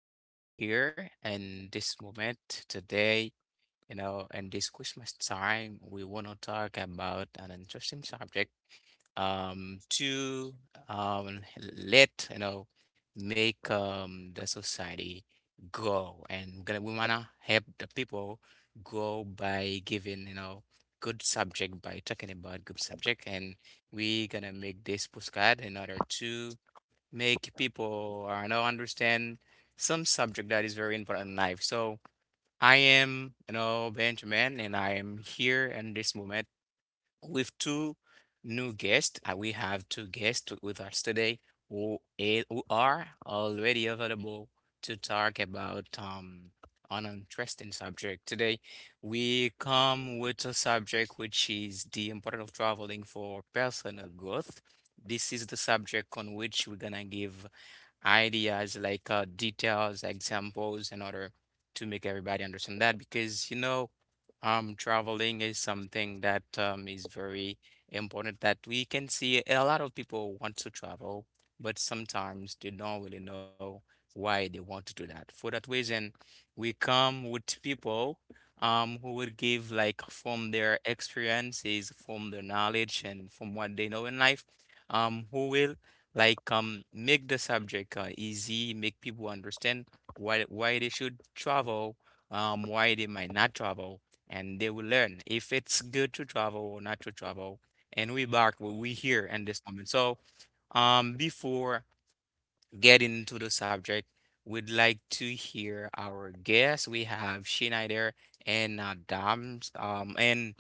we here in this moment today, you know, in this Christmas time, we want to talk about an interesting subject. To um let you know make the society grow, and we wanna help the people grow by giving you know good subject by talking about good subject, and we gonna make this postcard in order to make people you know understand some subject that is very important in life. So I am you know Benjamin, and I am here in this moment with two new guests. We have two guests with us today who are already available to talk about an interesting subject. Today we come with a subject which is the importance of traveling for personal growth. This is the subject on which we're gonna give ideas like details, examples, in order to make everybody understand that. Because, you know, traveling is something that is very important that we can see a lot of people want to travel, but sometimes they don't really know why they want to do that. For that reason, we come with people who would give like from their experiences, from their knowledge, and from what they know in life, who will like make the subject easy, make people understand why they should travel, why they might not travel, and they will learn if it's good to travel or not to travel. And we back what we here in this moment. So before getting into the subject, we'd like to hear our guests. We have Schneider and Adams, and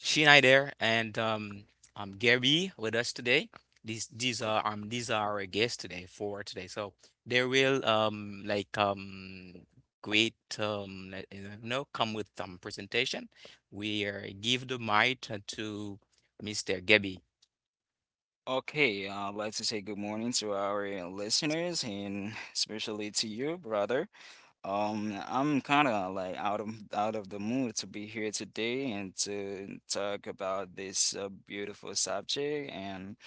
Schneider and Gary with us today. These are our guests today for today. So they will great you know come with some presentation. We give the mic to Mr. Gabby. Okay, I'd like to say good morning to our listeners and especially to you, brother. I'm kind of like out of the mood to be here today and to talk about this beautiful subject. And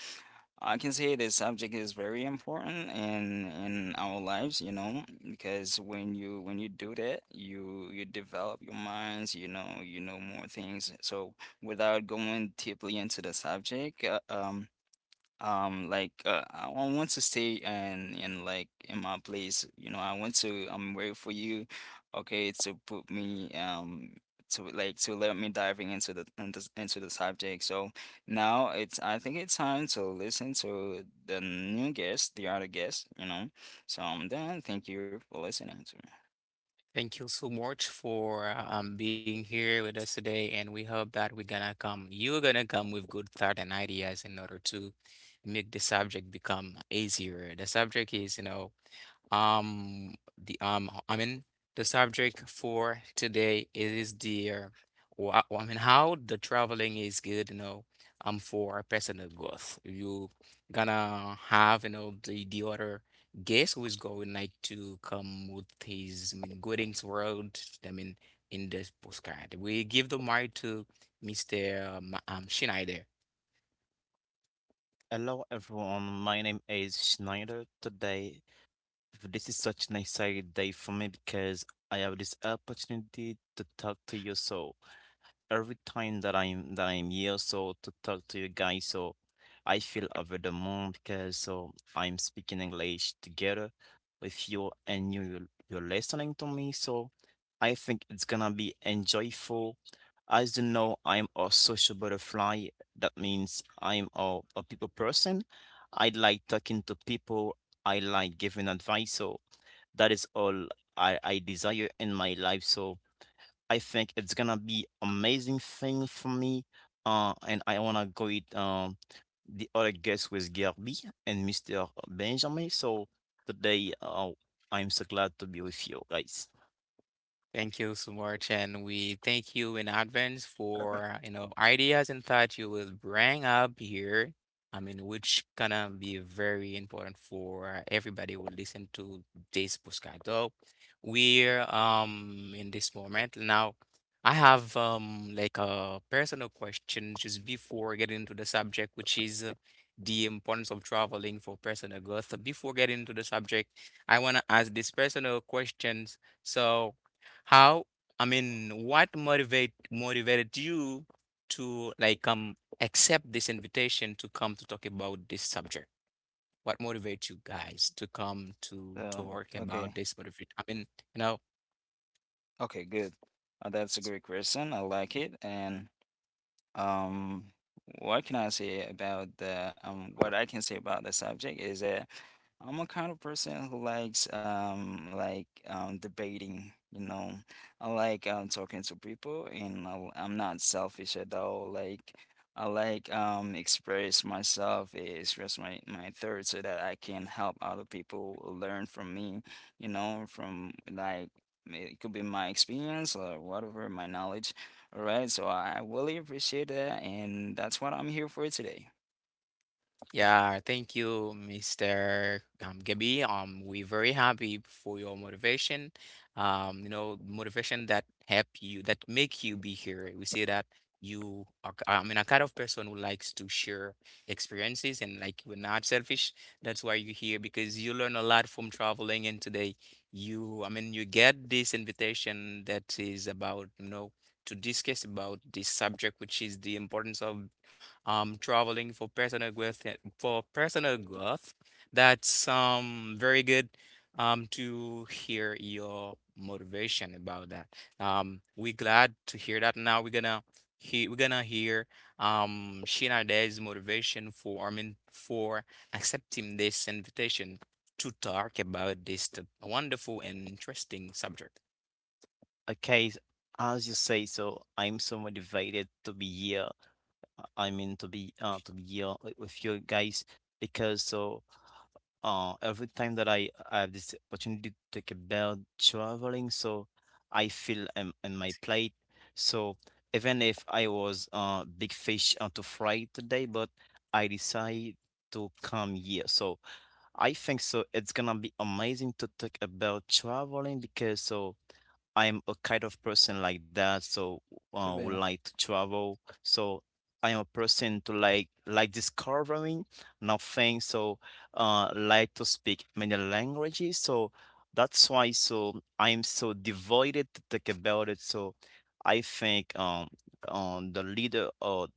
I can say this subject is very important in our lives, you know, because when you do that, you develop your minds, you know more things. So without going deeply into the subject, want to stay and in like in my place, you know, I want to I'm waiting for you, okay, to put me to like to let me diving into the subject. So now it's I think it's time to listen to the new guest, the other guest, you know. So I'm done. Thank you for listening to me. Thank you so much for being here with us today, and we hope that you're gonna come with good thought and ideas in order to make the subject become easier. The subject is, you know, um, the um, I mean, the subject for today is the wha- I mean, how the traveling is good, you know, for personal growth. You gonna have, you know, the other guest who is going like to come with his, I mean, goodings world. I mean, in this postcard, we give the mic to Mr. Schneider. Hello everyone, my name is Schneider. Today, this is such an exciting day for me because I have this opportunity to talk to you. So, every time that I'm here, so to talk to you guys, so I feel over the moon because so I'm speaking English together with you and you're listening to me, so I think it's gonna be enjoyable. As you know, I'm a social butterfly. That means I'm a people person. I like talking to people. I like giving advice. So that is all I desire in my life. So I think it's gonna be amazing thing for me. And I wanna go it the other guest with Gerby and Mr. Benjamin. So today, I'm so glad to be with you guys. Thank you so much, and we thank you in advance for you know ideas and thoughts you will bring up here. I mean, which gonna be very important for everybody who listen to this podcast. So we're in this moment now. I have like a personal question just before getting into the subject, which is the importance of traveling for personal growth. So before getting into the subject, I wanna ask these personal questions. So, how, I mean, what motivated you to like accept this invitation to come to talk about this subject? What motivates you guys to come to So talk okay. about this? Motivate, I mean, you know. Okay, good. That's a great question. I like it. And Um, what I can say about the subject is that I'm a kind of person who likes debating, you know. I like talking to people, and I am not selfish at all. Like, I like express myself, express my thoughts so that I can help other people learn from me, you know, from like, it could be my experience or whatever my knowledge. All right, so I really appreciate that, and that's what I'm here for today. Yeah, thank you, Mr. Gabi. We're very happy for your motivation. You know, motivation that help you, that make you be here. We see that you are, a kind of person who likes to share experiences and like we're not selfish. That's why you're here because you learn a lot from traveling. And today, you, I mean, you get this invitation that is about, you know, to discuss about this subject, which is the importance of traveling for personal growth for personal growth. That's very good to hear your motivation about that. We're glad to hear that. Now we're gonna hear Sheena Day's motivation for I mean for accepting this invitation to talk about this wonderful and interesting subject. Okay, as you say, so I'm so motivated to be here. I mean to be here with you guys because so every time that I have this opportunity to talk about traveling, so I feel in my plate. So even if I was big fish to fry today, but I decide to come here. So I think so it's gonna be amazing to talk about traveling because so I'm a kind of person like that, so would Sabina. like to travel. So I'm a person to like discovering new things. So like to speak many languages. So that's why. So I'm so devoted to talk about it. So I think the leader or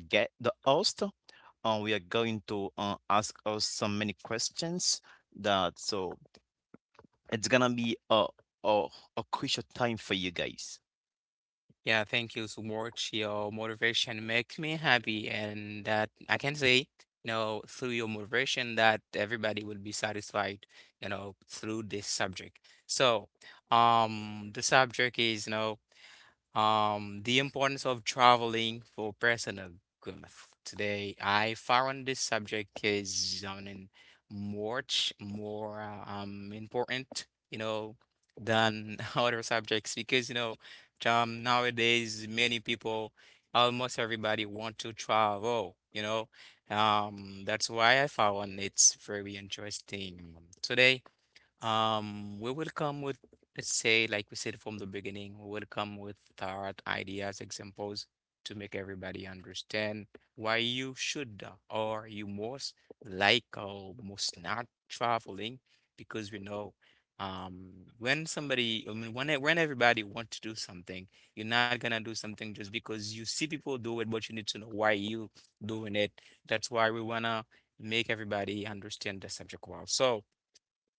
the host, we are going to ask us so many questions that so it's gonna be a a crucial time for you guys. Yeah, thank you so much. Your motivation makes me happy, and that I can say, you know, through your motivation, that everybody will be satisfied, you know, through this subject. So, the subject is, you know, the importance of traveling for personal growth. Today, I found this subject is in much more important, you know, than other subjects because, you know, nowadays many people, almost everybody want to travel, you know. That's why I found it's very interesting. Today, we will come with, let's say, like we said from the beginning, we will come with thought, ideas, examples to make everybody understand why you should or you most like or most not traveling because we know um when somebody I mean when everybody wants to do something, you're not gonna do something just because you see people do it, but you need to know why you doing it. That's why we wanna make everybody understand the subject well. So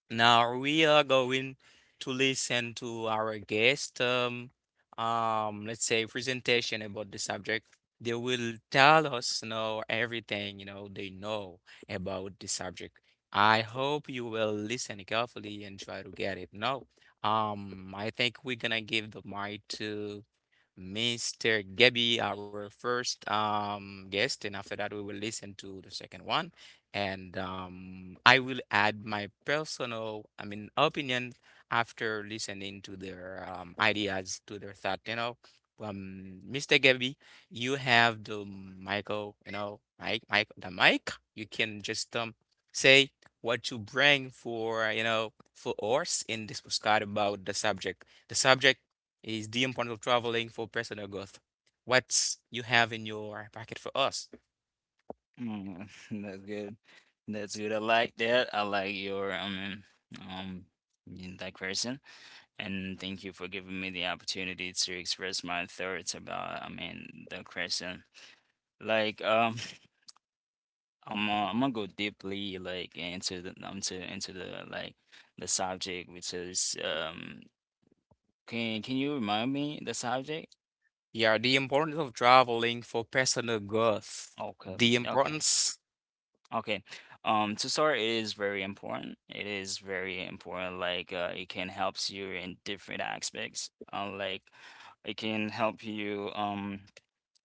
now we are going to listen to our guest, let's say presentation about the subject. They will tell us, you know, everything, you know, they know about the subject. I hope you will listen carefully and try to get it. Now, I think we're gonna give the mic to Mr. Gabby, our first guest, and after that, we will listen to the second one. And I will add my personal, I mean, opinion after listening to their ideas, to their thought. You know, Mr. Gabby, you have the Michael, you know, the mic. You can just say what you bring for, you know, for us in this postcard about the subject. The subject is the importance of traveling for personal growth. What you have in your packet for us? Mm, that's good. That's good. I like that. I like your, I mean, um, in that person. And thank you for giving me the opportunity to express my thoughts about, I mean, the question. Like, I'm gonna go deeply, like, into the, like, the subject, which is, can you remind me the subject? Yeah, the importance of traveling for personal growth. Okay, The okay. importance. Okay. To start, it is very important. It is very important. Like, it can helps you in different aspects. Like, it can help you.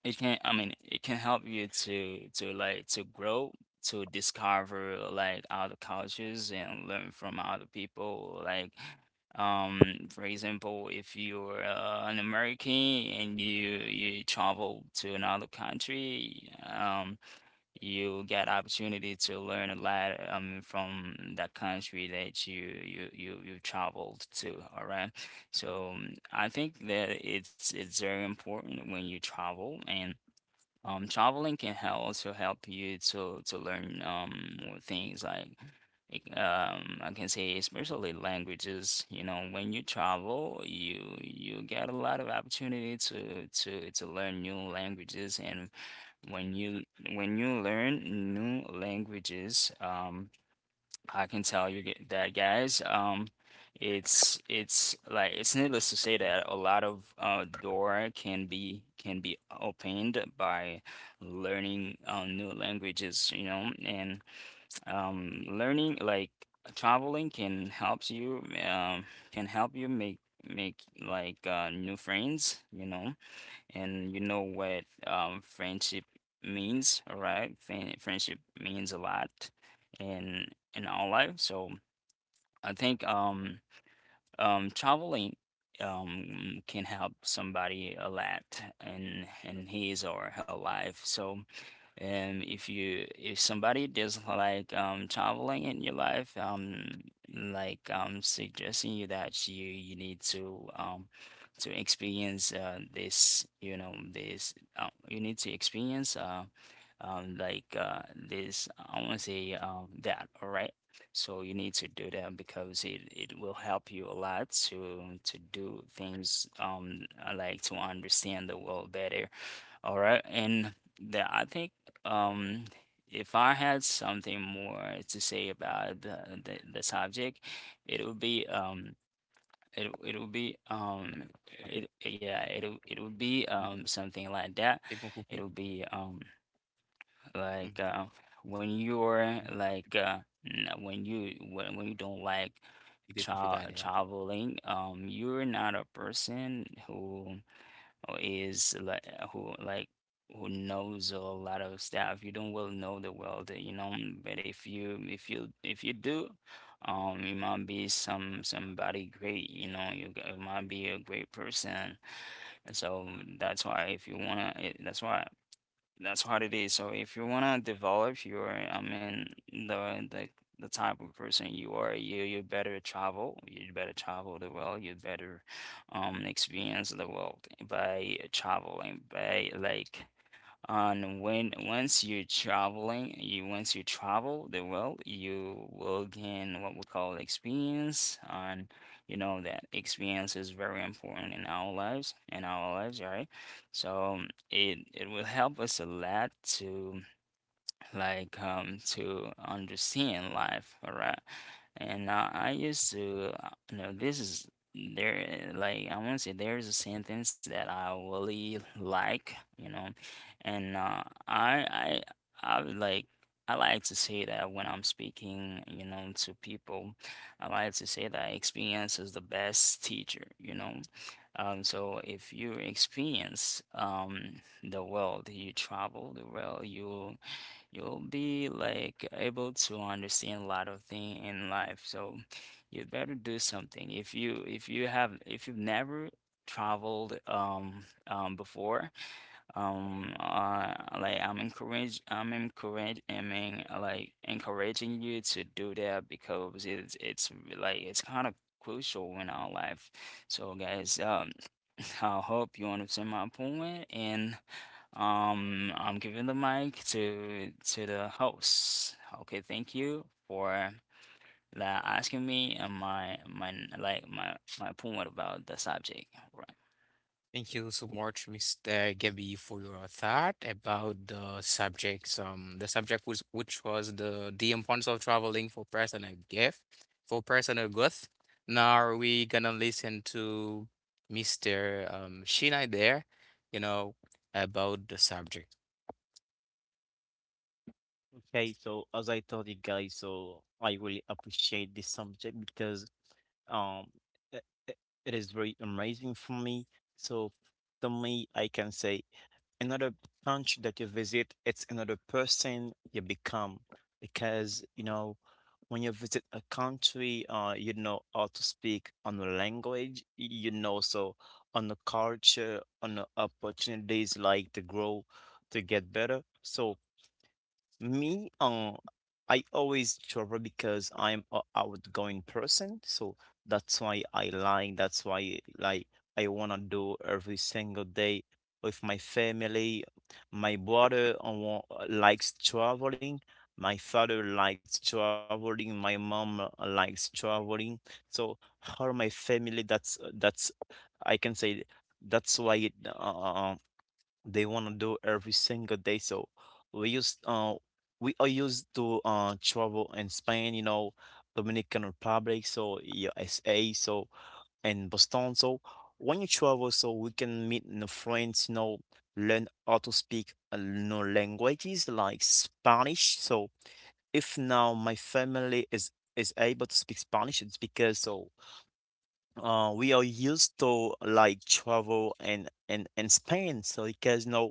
It can, I mean, it can help you to like to grow, to discover like other cultures and learn from other people. Like, for example, if you're an American and you travel to another country, you get opportunity to learn a lot from the country that you traveled to. All right, so I think that it's very important when you travel. And traveling can help also help you to learn more things like, I can say especially languages, you know. When you travel, you get a lot of opportunity to learn new languages. And when you when you learn new languages, I can tell you that, guys, it's like it's needless to say that a lot of door can be opened by learning new languages, you know. And learning like traveling can helps you um can help you make make like, new friends, you know. And you know what, friendship means, all right? Friendship means a lot in in our life. So I think traveling can help somebody a lot in his or her life. So, and if somebody just like traveling in your life, like suggesting you that you need to experience this, you know, this you need to experience like this I want to say that, all right. So you need to do that because it will help you a lot to do things, like to understand the world better, all right. And the, I think um, if I had something more to say about the subject, it would be it it would be it yeah it would be something like Tignan mo, that. Pupi. It would be Mm, like, when tignan you're mo, ah, like, when you don't like Hindi ko pitali, traveling, you're not a person who, or is like who knows a lot of stuff. You don't well know the world, you know. But if you do, you might be somebody great, you know. You might be a great person. So that's why if you wanna, it, that's why, that's what it is. So if you wanna develop your, I mean, the type of person you are, you better travel. You better travel the world. You better experience the world by traveling, by like. And when once you're traveling, you once you travel the world, you will gain what we call experience. And you know that experience is very important in our lives, right? So it it will help us a lot to like to understand life, all right. And I used to, you know, this is there, like I want to say there is a sentence that I really like, you know. And I would like, I like to say that when I'm speaking, you know, to people, I like to say that experience is the best teacher, you know. So if you experience, the world, you travel the world, you'll be like able to understand a lot of things in life. So you better do something. If you've never traveled before, um uh like I'm encourage I mean like encouraging you to do that because it's like it's kind of crucial in our life. So, guys, I hope you understand my point. And I'm giving the mic to the host. Okay, thank you for like asking me and my like my point about the subject. Right. thank you so much, Mr. Gabby, for your thought about the subjects. The subject was which was the importance of traveling for personal gift, for personal growth. Now we gonna listen to Mr. Shinai there, you know, about the subject. Okay, so as I told you guys, so I really appreciate this subject because um it, it it is very amazing for me. So to me, I can say another country that you visit, it's another person you become, because you know when you visit a country, you know how to speak on the language, you know, so on the culture, on the opportunities like to grow, to get better. So me, I always travel because I'm a outgoing person, so that's why I like, that's why like I wanna do every single day with my family. My brother likes traveling, my father likes traveling, my mom likes traveling. So all my family, that's I can say, that's why they want to do every single day. So we used uh we are used to travel in Spain, you know, Dominican Republic, so USA, so and Boston. So when you travel, so we can meet new friends, you know, learn how to speak new languages like Spanish. So if now my family is able to speak Spanish, it's because so we are used to like travel and spend. So because you know,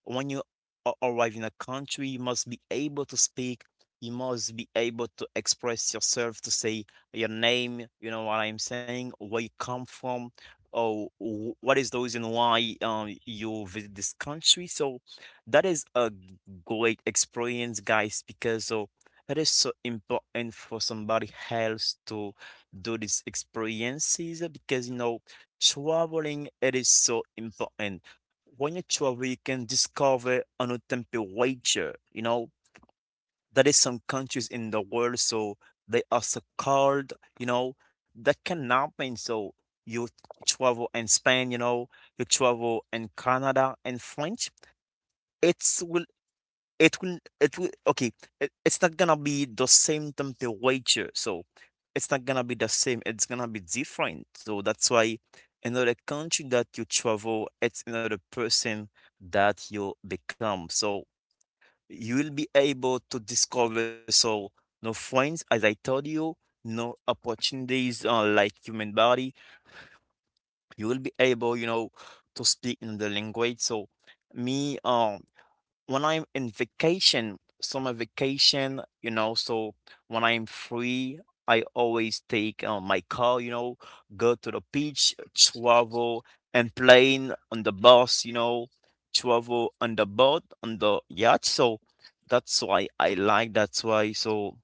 when you arrive in a country, you must be able to speak, you must be able to express yourself, to say your name, you know what I'm saying, where you come from, or what is the reason why you visit this country. So that is a great experience, guys, because so it is so important for somebody else to do these experiences, because you know, traveling, it is so important. When you travel you can discover a new temperature, you know, that is, some countries in the world, so they are so cold, you know, that can happen. So you travel in Spain, you know, you travel in Canada and French, it will it will it will okay it's not gonna be the same temperature, so it's not gonna be the same, it's gonna be different. So that's why another country that you travel, it's another person that you become. So you will be able to discover, so no friends, as I told you, no opportunities, like human body. You will be able, you know, to speak in the language. So me, when I'm in vacation, summer vacation, you know, so when I'm free, I always take my car, you know, go to the beach, travel, and plane on the bus, you know, travel on the boat, on the yacht. So that's why I like. That's why, so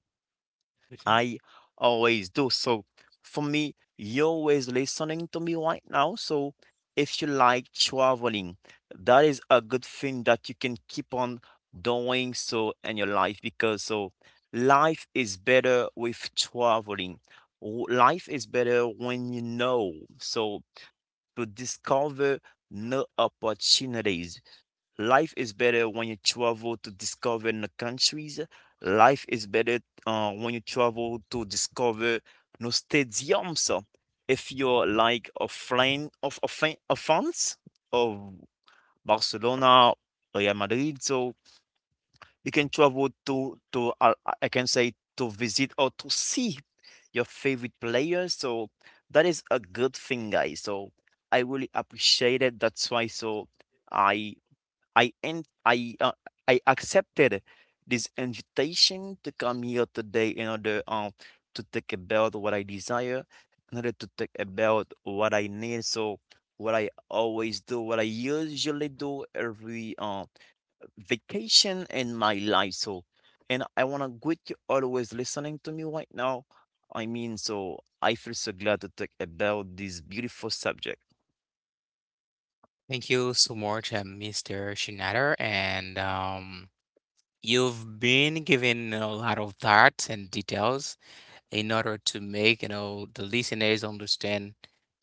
I always do. So for me, you're always listening to me right now. So if you like traveling, that is a good thing that you can keep on doing so in your life, because so life is better with traveling. Life is better, when you know. So to discover new opportunities. Life is better when you travel to discover new countries. Life is better when you travel to discover new stadiums. If you're like a friend of a fan of fans of Barcelona, Real Madrid, so you can travel to I can say, to visit or to see your favorite players. So that is a good thing, guys. So I really appreciate it. That's why, so I I en- I I accepted this invitation to come here today, in order to think about what I desire, in order to think about what I need. So what I always do, what I usually do every vacation in my life. So, and I want to good you always listening to me right now. I mean, so I feel so glad to talk about this beautiful subject. Thank you so much, Mr. Shinader, and You've been given a lot of thoughts and details in order to make, you know, the listeners understand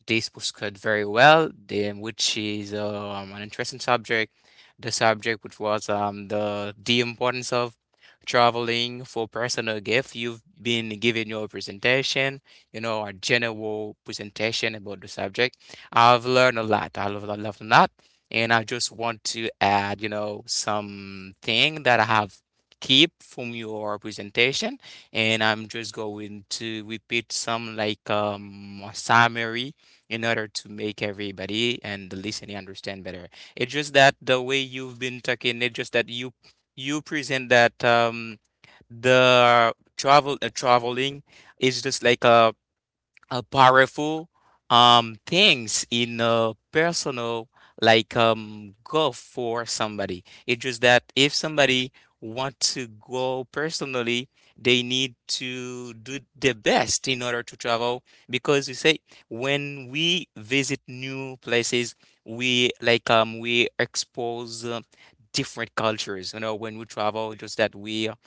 this was cut very well, then which is an interesting subject. The subject which was the importance of traveling for personal gift. You've been giving your presentation, you know, a general presentation about the subject. I've learned a lot. I love a lot, and I just want to add, you know, something that I have keep from your presentation, and I'm just going to repeat some like a summary in order to make everybody and the listening understand better. It's just that the way you've been talking, it's just that you present that the traveling is just like a powerful things in a personal like goal for somebody. It's just that if somebody want to go personally, they need to do the best in order to travel because you say when we visit new places, we like we expose different cultures. You know, when we travel, just that we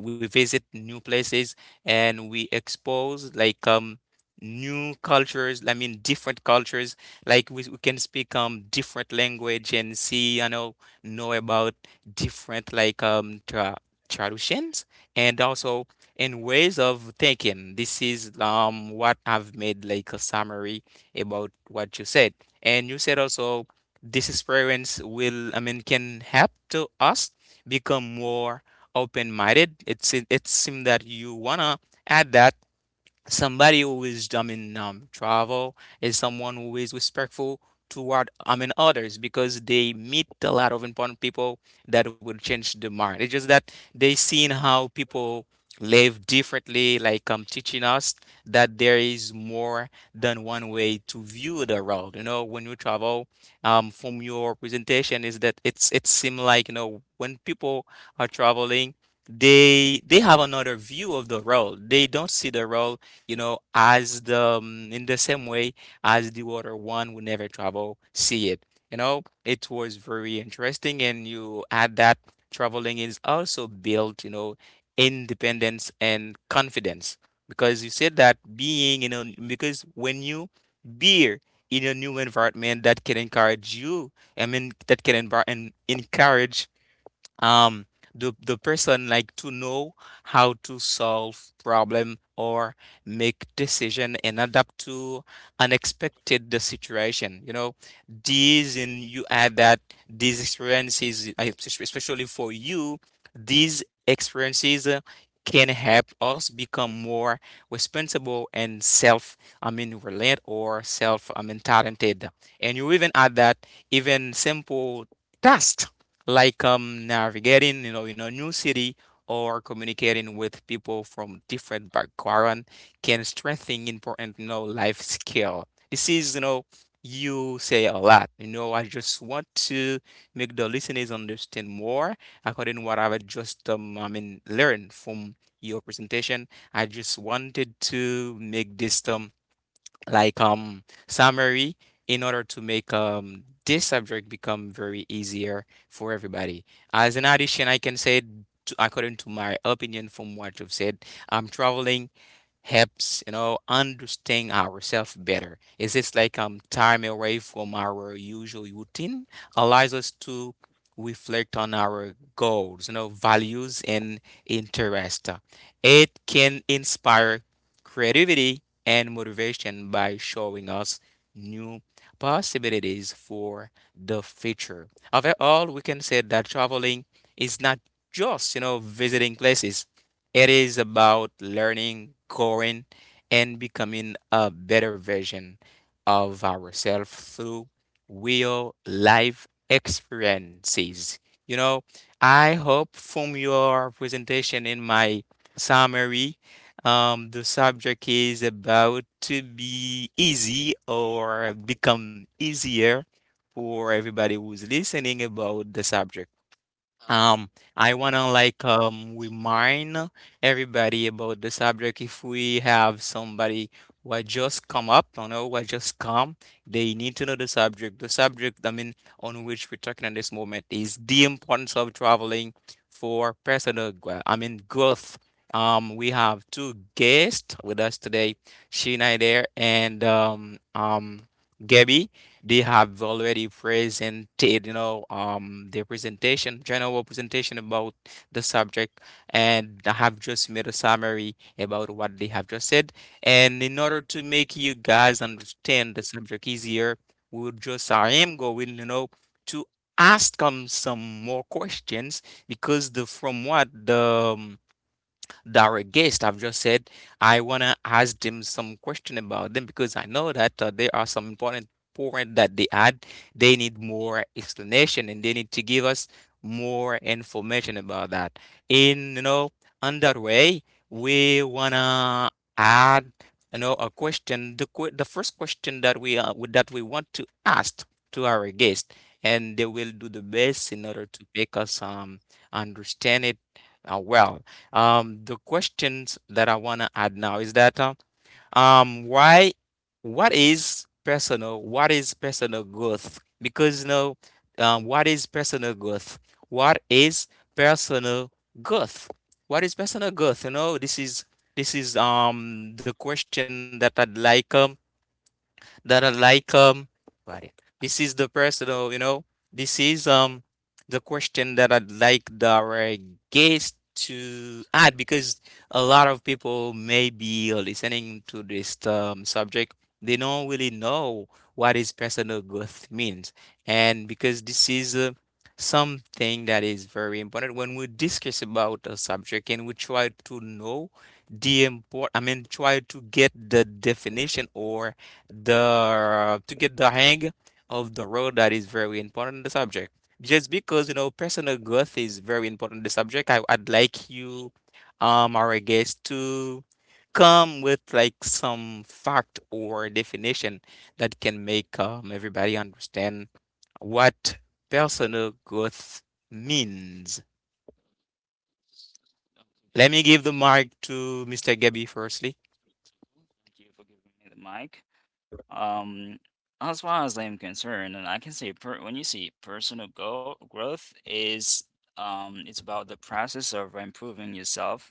but we visit new places and we expose like new cultures, I mean different cultures, like we can speak different language and see, you know about different like traditions and also in ways of thinking. This is what I've made like a summary about what you said, and you said also this experience will I mean can help to us become more open-minded. It's it seems that you wanna add that somebody who is I mean travel is someone who is respectful toward I mean others because they meet a lot of important people that will change the mind. It's just that they seen how people live differently, like teaching us that there is more than one way to view the world. You know, when you travel, from your presentation is that it's it seems like, you know, when people are traveling, they have another view of the world. They don't see the world, you know, as the in the same way as the water one will never travel, see it. It was very interesting, and you add that traveling is also built, independence and confidence because you said that being, because when you be in a new environment that can encourage you, I mean, that can encourage um the person like to know how to solve problem or make decision and adapt to unexpected the situation, these, and you add that these experiences, especially for you, these experiences can help us become more responsible and self, I mean, reliant or self, I mean, talented. And you even add that even simple tasks like navigating, in a new city or communicating with people from different background can strengthen important, life skill. This is, you say a lot. I just want to make the listeners understand more according to what I've just, I mean, learned from your presentation. I just wanted to make this like summary in order to make this subject become very easier for everybody. As an addition, I can say, to, according to my opinion from what you've said, I'm traveling helps, understand ourselves better. It's just like time away from our usual routine allows us to reflect on our goals, values and interest. It can inspire creativity and motivation by showing us new possibilities for the future. After all, we can say that traveling is not just, visiting places. It is about learning, growing, and becoming a better version of ourselves through real life experiences. You know, I hope from your presentation in my summary, the subject is about to be easy or become easier for everybody who's listening about the subject. Um, I wanna like remind everybody about the subject. If we have somebody who had just come up, who had just come, they need to know the subject. The subject, I mean, on which we're talking at this moment is the importance of traveling for personal, I mean, growth. We have two guests with us today, Sheena there and Gabby. They have already presented, their presentation, general presentation about the subject, and I have just made a summary about what they have just said. And in order to make you guys understand the subject easier, we'll just, I am going, to ask them some more questions, because the from what the direct guest. I've just said I wanna ask them some question about them because I know that there are some important point that they add. They need more explanation and they need to give us more information about that. In, on that way, we wanna add, a question. The first question that we, want to ask to our guest, and they will do the best in order to make us understand it, well. The questions that I want to add now is that, why, what is personal? What is personal growth? Because, what is personal growth? What is personal growth? What is personal growth? This is the question that I'd like, that are like, right. This is the personal, this is the question that I'd like our guest to add, because a lot of people may be listening to this, subject, they don't really know what is personal growth means. And because this is, something that is very important when we discuss about a subject and we try to know the, import I mean, try to get the definition or the to get the hang of the role that is very important in the subject. Just because, personal growth is very important in the subject, I'd like you, our guest, to come with like some fact or definition that can make, everybody understand what personal growth means. Let me give the mic to Mr. Gabby firstly. Thank you for giving me the mic. Um, as far as I'm concerned, and I can say per when you see personal go growth is, it's about the process of improving yourself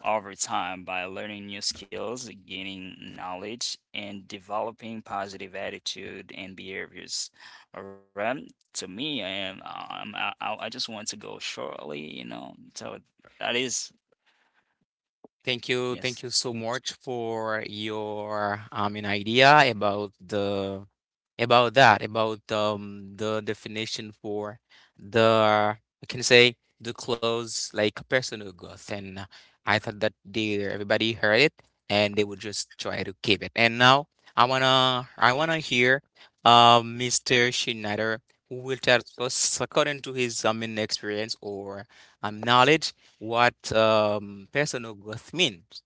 over time by learning new skills, gaining knowledge, and developing positive attitude and behaviors. All right. To me, I am I just want to go shortly, you know. So that is Thank you. Thank you yes. so much for your, an idea about the about that, about the definition for the I can say the clothes like personal growth, and I thought that they everybody heard it and they would just try to keep it. And now I wanna hear Mr. Schneider who will tell us according to his, I mean, experience or knowledge what personal growth means.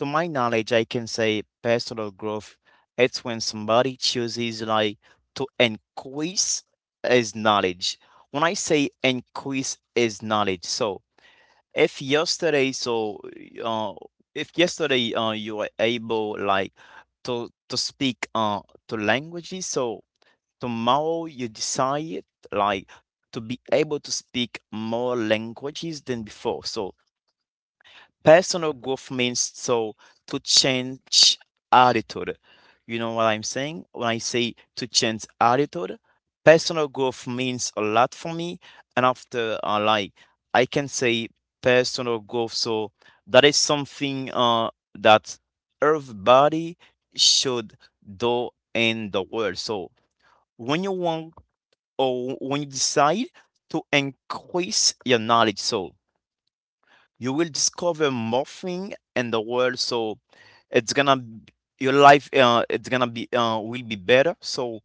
To my knowledge, I can say personal growth. It's when somebody chooses like to increase his knowledge. When I say increase his knowledge, so if yesterday so uh if yesterday you were able like to speak two languages, so tomorrow you decide like to be able to speak more languages than before, so personal growth means, so to change attitude. You know what I'm saying? When I say to change attitude, personal growth means a lot for me. And after like I can say personal growth, so that is something that everybody should do in the world. So when you want, or when you decide to increase your knowledge, so you will discover more thing in the world, so it's gonna b- your life, it's gonna be will be better. So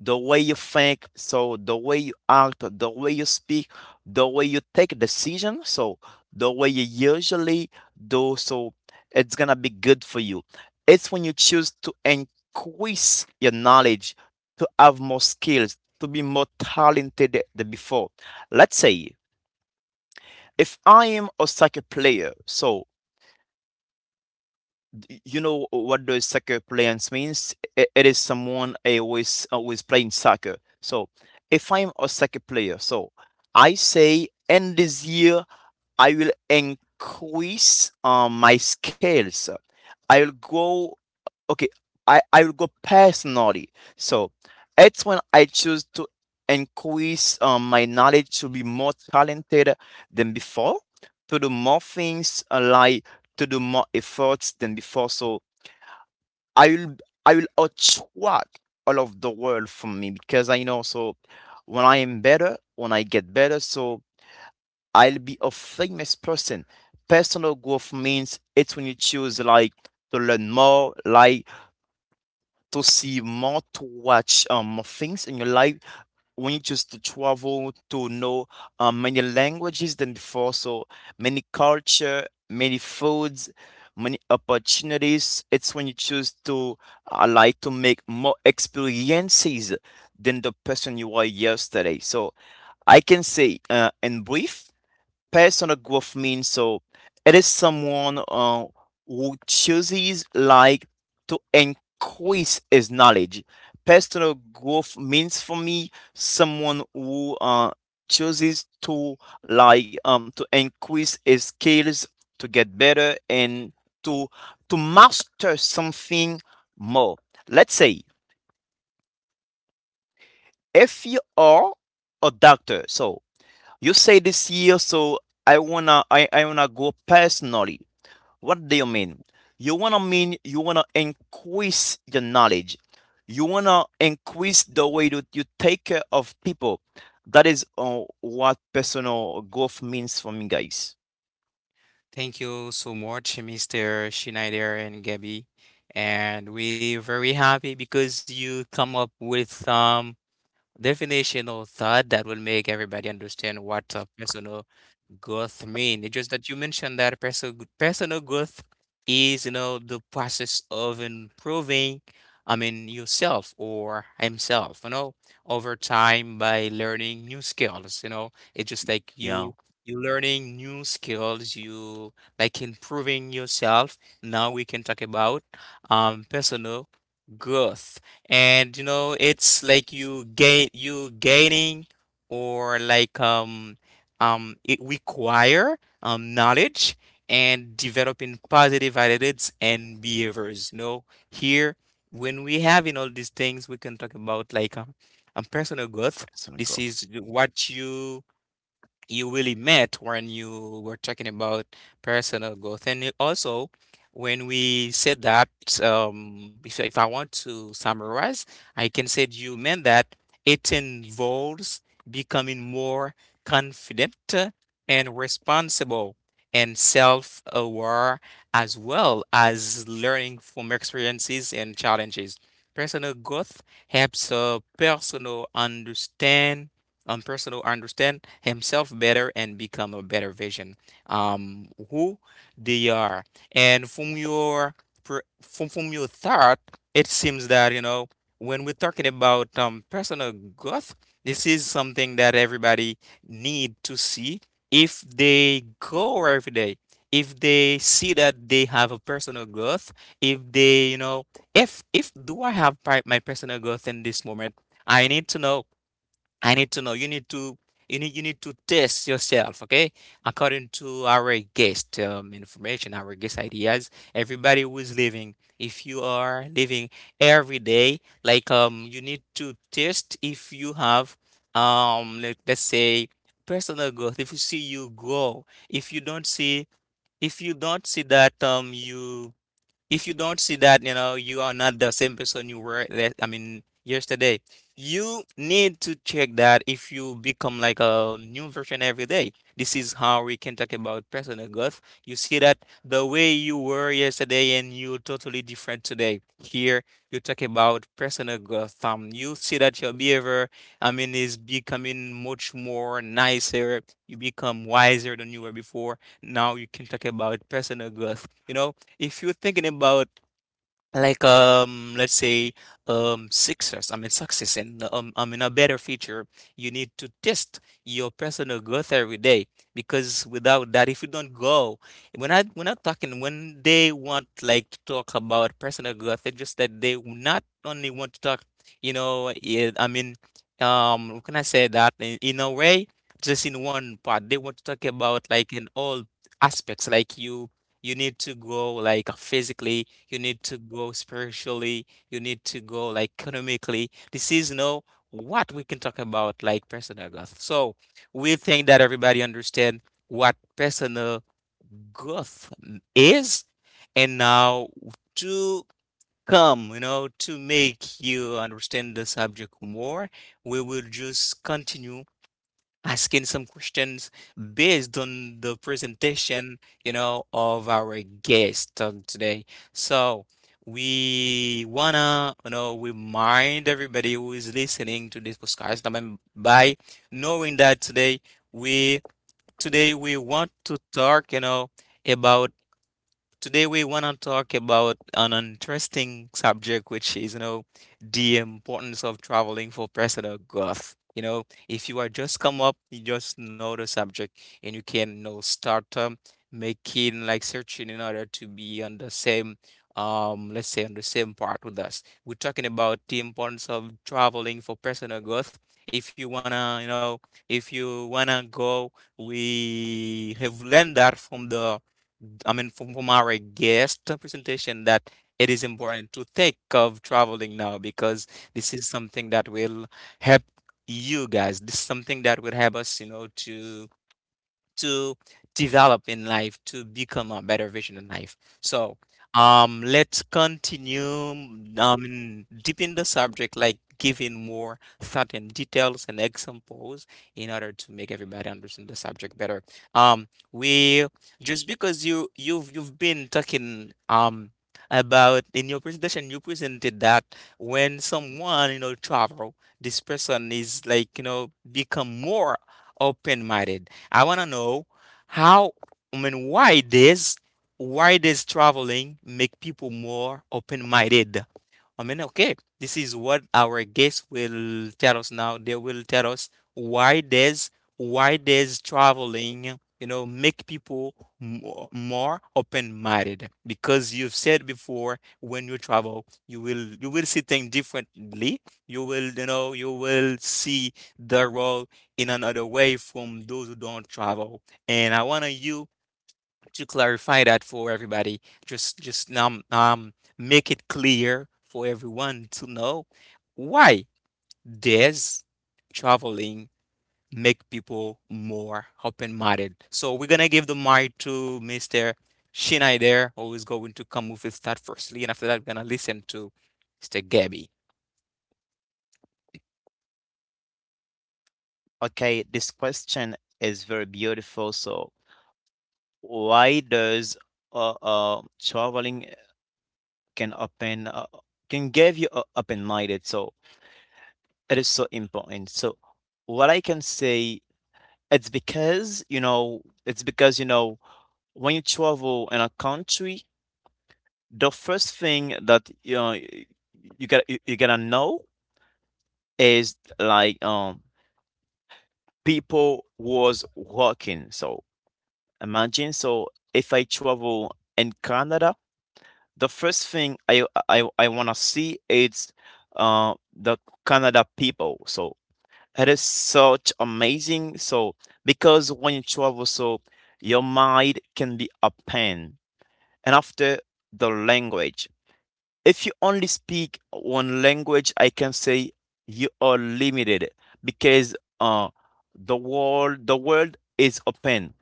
the way you think, so the way you act, the way you speak, the way you take decision, so the way you usually do, so it's gonna be good for you. It's when you choose to increase your knowledge, to have more skills, to be more talented than before. Let's say if I am a soccer player, so you know what the soccer players means? It is someone always playing soccer. So if I'm a soccer player, so I say in this year I will increase my skills. I will go okay. I will go personally. So it's when I choose to increase my knowledge, to be more talented than before, to do more things, like to do more efforts than before. So I will I will attract all of the world from me, because I know so when I am better, when I get better, so I'll be a famous person. Personal growth means, it's when you choose like to learn more, like to see more, to watch more things in your life. We need just to travel to know many languages than before, so many culture, many foods, many opportunities. It's when you choose to like to make more experiences than the person you were yesterday. So I can say, in brief, personal growth means, so it is someone who chooses like to increase his knowledge. Personal growth means for me someone who chooses to, like to increase his skills, to get better, and to to master something more. Let's say if you are a doctor, so you say this year, so I wanna go personally. What do you mean? You wanna mean, you wanna increase your knowledge. You wanna increase the way that you take care of people. That is what personal growth means for me, guys. Thank you so much, Mr. Schneider and Gabby. And we're very happy because you come up with some definitional thought that will make everybody understand what a personal growth mean. It's just that you mentioned that personal growth is, the process of improving, I mean, yourself or himself, over time by learning new skills. It's just like Yeah, you learning new skills, you like improving yourself. Now we can talk about personal growth. And, it's like you gaining or like it require knowledge and developing positive attitudes and behaviors. Here when we having all these things, we can talk about like personal growth. personal This growth. is what you really met when you were talking about personal growth. And it also, when we said that, if I want to summarize, I can say you meant that it involves becoming more confident, and responsible and self-aware, as well as learning from experiences and challenges. Personal growth helps a personal understand, person to understand himself better and become a better vision, who they are. And from your, from your thought, it seems that, when we're talking about, personal growth, this is something that everybody need to see if they go every day. If they see that they have a personal growth, if they, if do I have my personal growth in this moment, I need to know, I need to know. You need to, you need to test yourself, okay? According to our guest, information, our guest ideas, everybody who is living, if you are living every day, like, you need to test if you have, let's say, personal growth. If you see you grow, if you don't see, if you don't see that, you, if you don't see that, you are not the same person you were, I mean, yesterday. You need to check that if you become like a new version every day. This is how we can talk about personal growth. You see that the way you were yesterday and you totally different today. Here, you talk about personal growth. You see that your behavior, I mean, is becoming much more nicer. You become wiser than you were before. Now you can talk about personal growth. If you're thinking about like, let's say, success, I mean, success and, I mean, a better future, you need to test your personal growth every day, because without that, if you don't go, when I when I'm talking, when they want like to talk about personal growth, it's just that they not only want to talk, yeah, I mean, how can I say that in a way, just in one part they want to talk about like in all aspects, like you need to grow like physically, you need to grow spiritually, you need to grow like economically. This is no what we can talk about like personal growth. So we think that everybody understand what personal growth is, and now to come, to make you understand the subject more, we will just continue asking some questions based on the presentation, of our guest of today. So we wanna, remind everybody who is listening to this podcast, I by knowing that today we, want to talk, about, today we want to talk about an interesting subject, which is, the importance of traveling for personal growth. If you are just come up, you just know the subject, and you can, start, making like searching in order to be on the same, let's say on the same part with us. We're talking about the importance of traveling for personal growth. If you wanna, if you wanna go, we have learned that from the, I mean, from our guest presentation, that it is important to think of traveling now because this is something that will help you guys. This is something that will help us, to to develop in life to become a better version in life, so let's continue, deepen the subject like giving more thought and details and examples in order to make everybody understand the subject better. We just because you've been talking, about in your presentation you presented that when someone, travel, this person is like, become more open-minded. I want to know how, I mean, why does traveling make people more open-minded? I mean, okay, this is what our guests will tell us now. They will tell us why does traveling, make people more, more open-minded? Because you've said before, when you travel, you will see things differently. You will, you will see the world in another way from those who don't travel. And I want you to clarify that for everybody, just make it clear for everyone to know why does traveling make people more open-minded. So we're gonna give the mic to Mr. Shinai there, who is going to come with his thought firstly, and after that, we're gonna listen to Mr. Gabby. Okay, this question is very beautiful. So, why does traveling can open, can give you a open minded. So it is so important. So what I can say, it's because you know, when you travel in a country, the first thing that you know, you gotta know, is like people was working. So imagine, so if I travel in Canada, the first thing I wanna see is uh the Canada people. So it is such amazing. So because when you travel, so your mind can be a pen. And after, the language. If you only speak one language, I can say you are limited, because the world is open.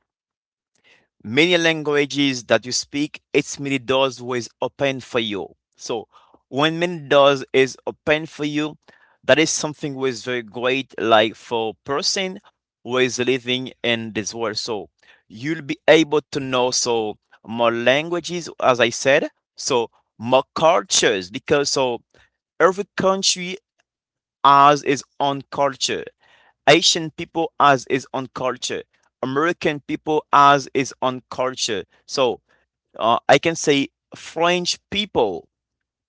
Many languages that you speak, it's many doors was open for you. So when many doors is open for you, that is something was very great, like for person who is living in this world. So you'll be able to know so more languages, as I said, so more cultures, because so every country has its own culture. Asian people has his own culture. American people has his own culture. So I can say French people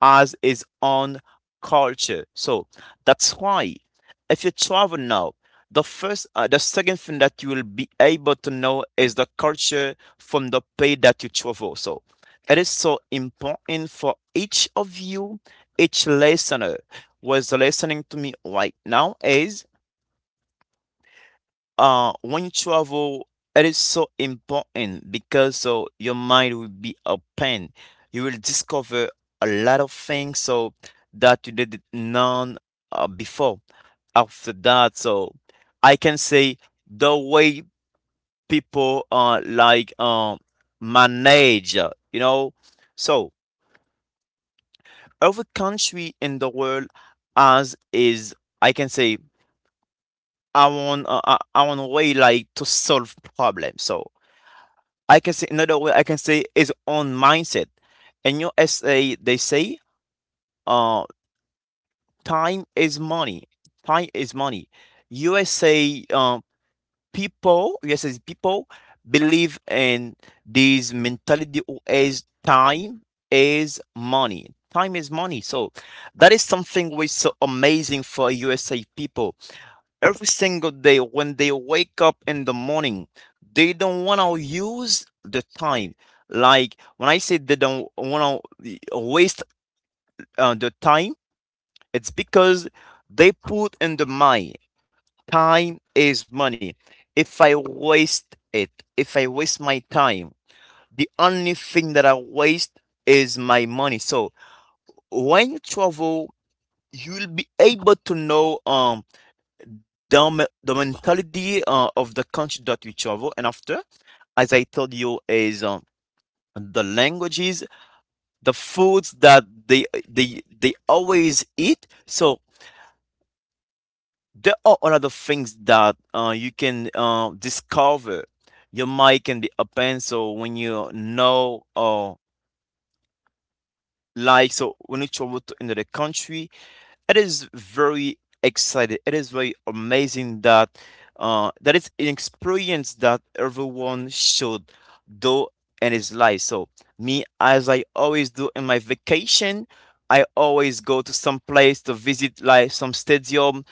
has his own culture. So that's why, if you travel now, the second thing that you will be able to know is the culture from the place that you travel. So it is so important for each of you, each listener who is listening to me right now, is when you travel, it is so important, because so your mind will be open, you will discover a lot of things so that you did none before. After that, so I can say, the way people like manage, you know, so every country in the world has is, I can say, I want way like to solve problems. So I can say, another way I can say is on mindset. In USA, they say, uh, time is money. Time is money. USA uh, people, USA people believe in this mentality, as time is money. Time is money. So that is something which is so amazing for USA people. Every single day when they wake up in the morning, they don't want to use the time, like when I say, they don't want to waste the time. It's because they put in the mind, time is money. If I waste it, if I waste my time, the only thing that I waste is my money. So when you travel, you'll be able to know the mentality of the country that we travel. And after, as I told you, is the languages, the foods that they always eat. So there are a lot of things that you can discover. Your mind can be open. So when you know, or like, so when you travel to another country. It is very exciting. It is very amazing that is an experience that everyone should do in his life. So me, as I always do in my vacation, I always go to some place to visit, like some stadium,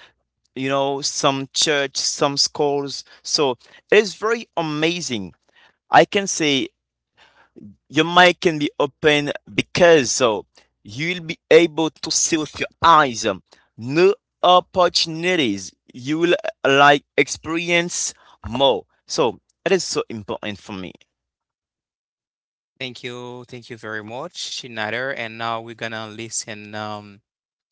you know, some church, some schools. So it is very amazing. I can say your mic can be open, because so you'll be able to see with your eyes new opportunities, you will like experience more, so it is so important for me. Thank you. Thank you very much, Schneider. And now we're gonna listen,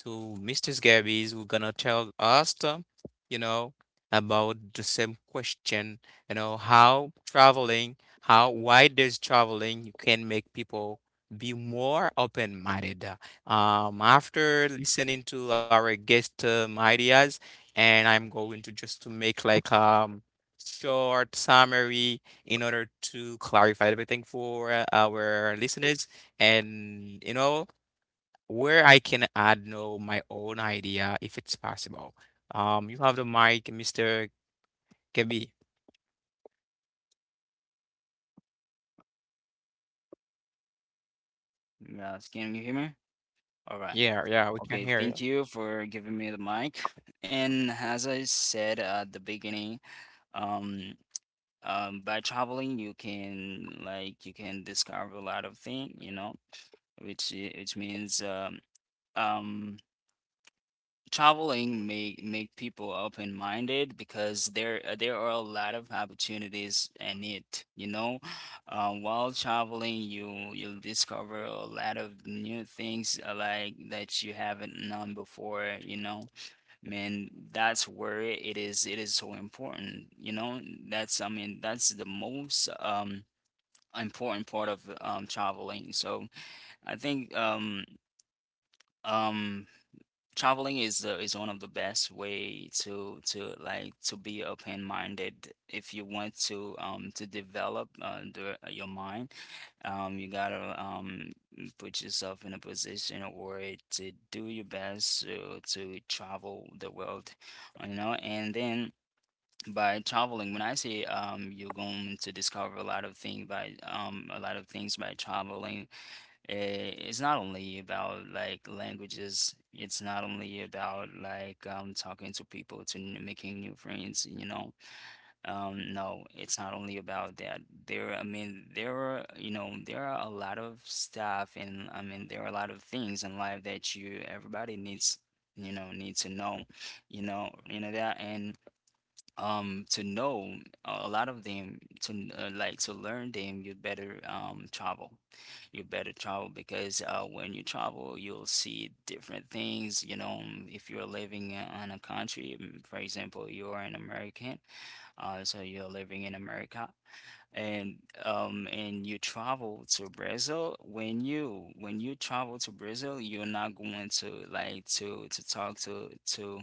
to Mrs. Gabby's, who's gonna tell us, you know, about the same question, how traveling, how why does traveling can make people be more open-minded. After listening to our guest, ideas, and I'm going to just to make like short summary in order to clarify everything for, our listeners, and, where I can add no my own idea if it's possible. You have the mic, Mr. Kebi. Yes. Can you hear me? All right. Yeah, yeah, we can Okay, hear you. thank you for giving me the mic. And as I said at the beginning, um, by traveling, you can like you can discover a lot of things, you know, which which means, um, traveling make make people open-minded because there are a lot of opportunities in it, you know. While traveling, you'll discover a lot of new things, like that you haven't known before, you know. Man, that's where it is so important, you know? That's, I mean, that's the most important part of traveling. So I think um traveling is, is one of the best way to like to be open-minded. If you want to develop, your mind, you gotta put yourself in a position or to do your best to travel the world, you know. And then by traveling, when I say, you're going to discover a lot of things by, a lot of things by traveling, it's not only about like languages, it's not only about like, talking to people to making new friends, you know. No, it's not only about that. There, I mean, there are, you know, there are a lot of stuff, and I mean there are a lot of things in life that you everybody needs, you know, need to know. You know, you know that. And to know, a lot of them to, like to learn them, you better travel. You better travel, because when you travel, you'll see different things, you know. If you're living in a country, for example, you're an American, so you're living in America. And and you travel to Brazil. When you travel to Brazil, you're not going to like to talk to,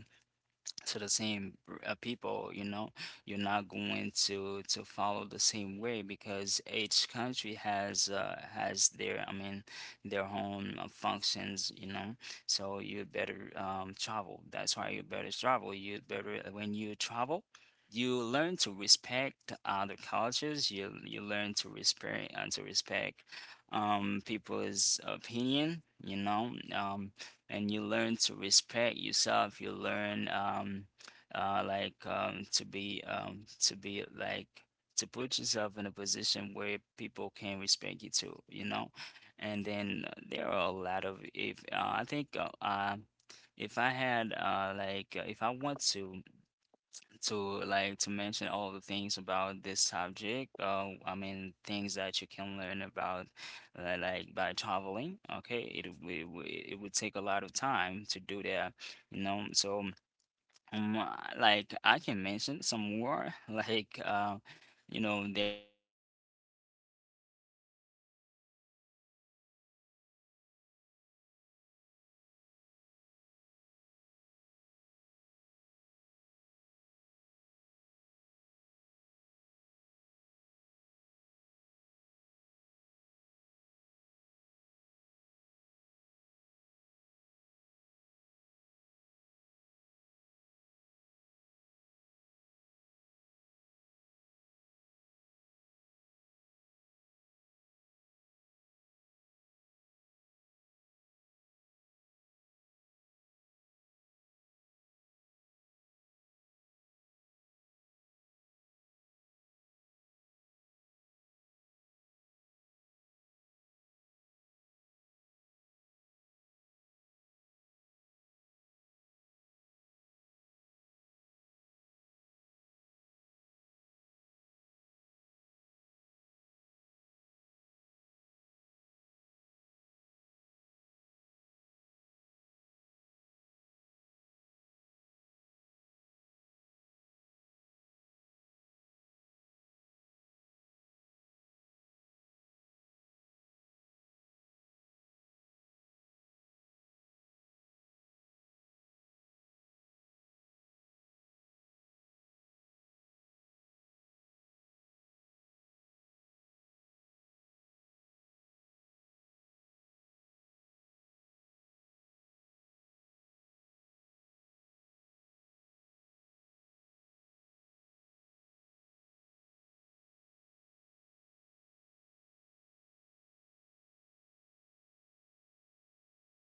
so the same, people, you know, you're not going to follow the same way, because each country has, has their, I mean, their own, functions, you know. So you better travel. That's why you better travel. You better, when you travel, you learn to respect other cultures, you learn to respect, and to respect people's opinion, you know. And you learn to respect yourself. You learn, to be like to put yourself in a position where people can respect you too. You know, and then there are a lot of if, I think if I had, if I want to like to mention all the things about this subject. I mean things that you can learn about, like by traveling. Okay, it would take a lot of time to do that, you know. So like I can mention some more like, you know there is what we call like a well camp, well camp, Yeah, everybody. we're Okay, we wanna think, yeah, Okay, that is so amazing, I really like Gabby's experience because so no. Um Oui, mwen se fè, sa mè, ya, alors, e e chèk sa m fè la, wè, e chèk sa m fè la, mwen di m panse, ou m e- e- ou- m panse di pou lot bagay, nan m tou pale, m tap tou pale, nan m de ka kontinye, non, oui, e sa, wè, sa m tap fè kom se avèk, m tap tire sa, mè kanpe.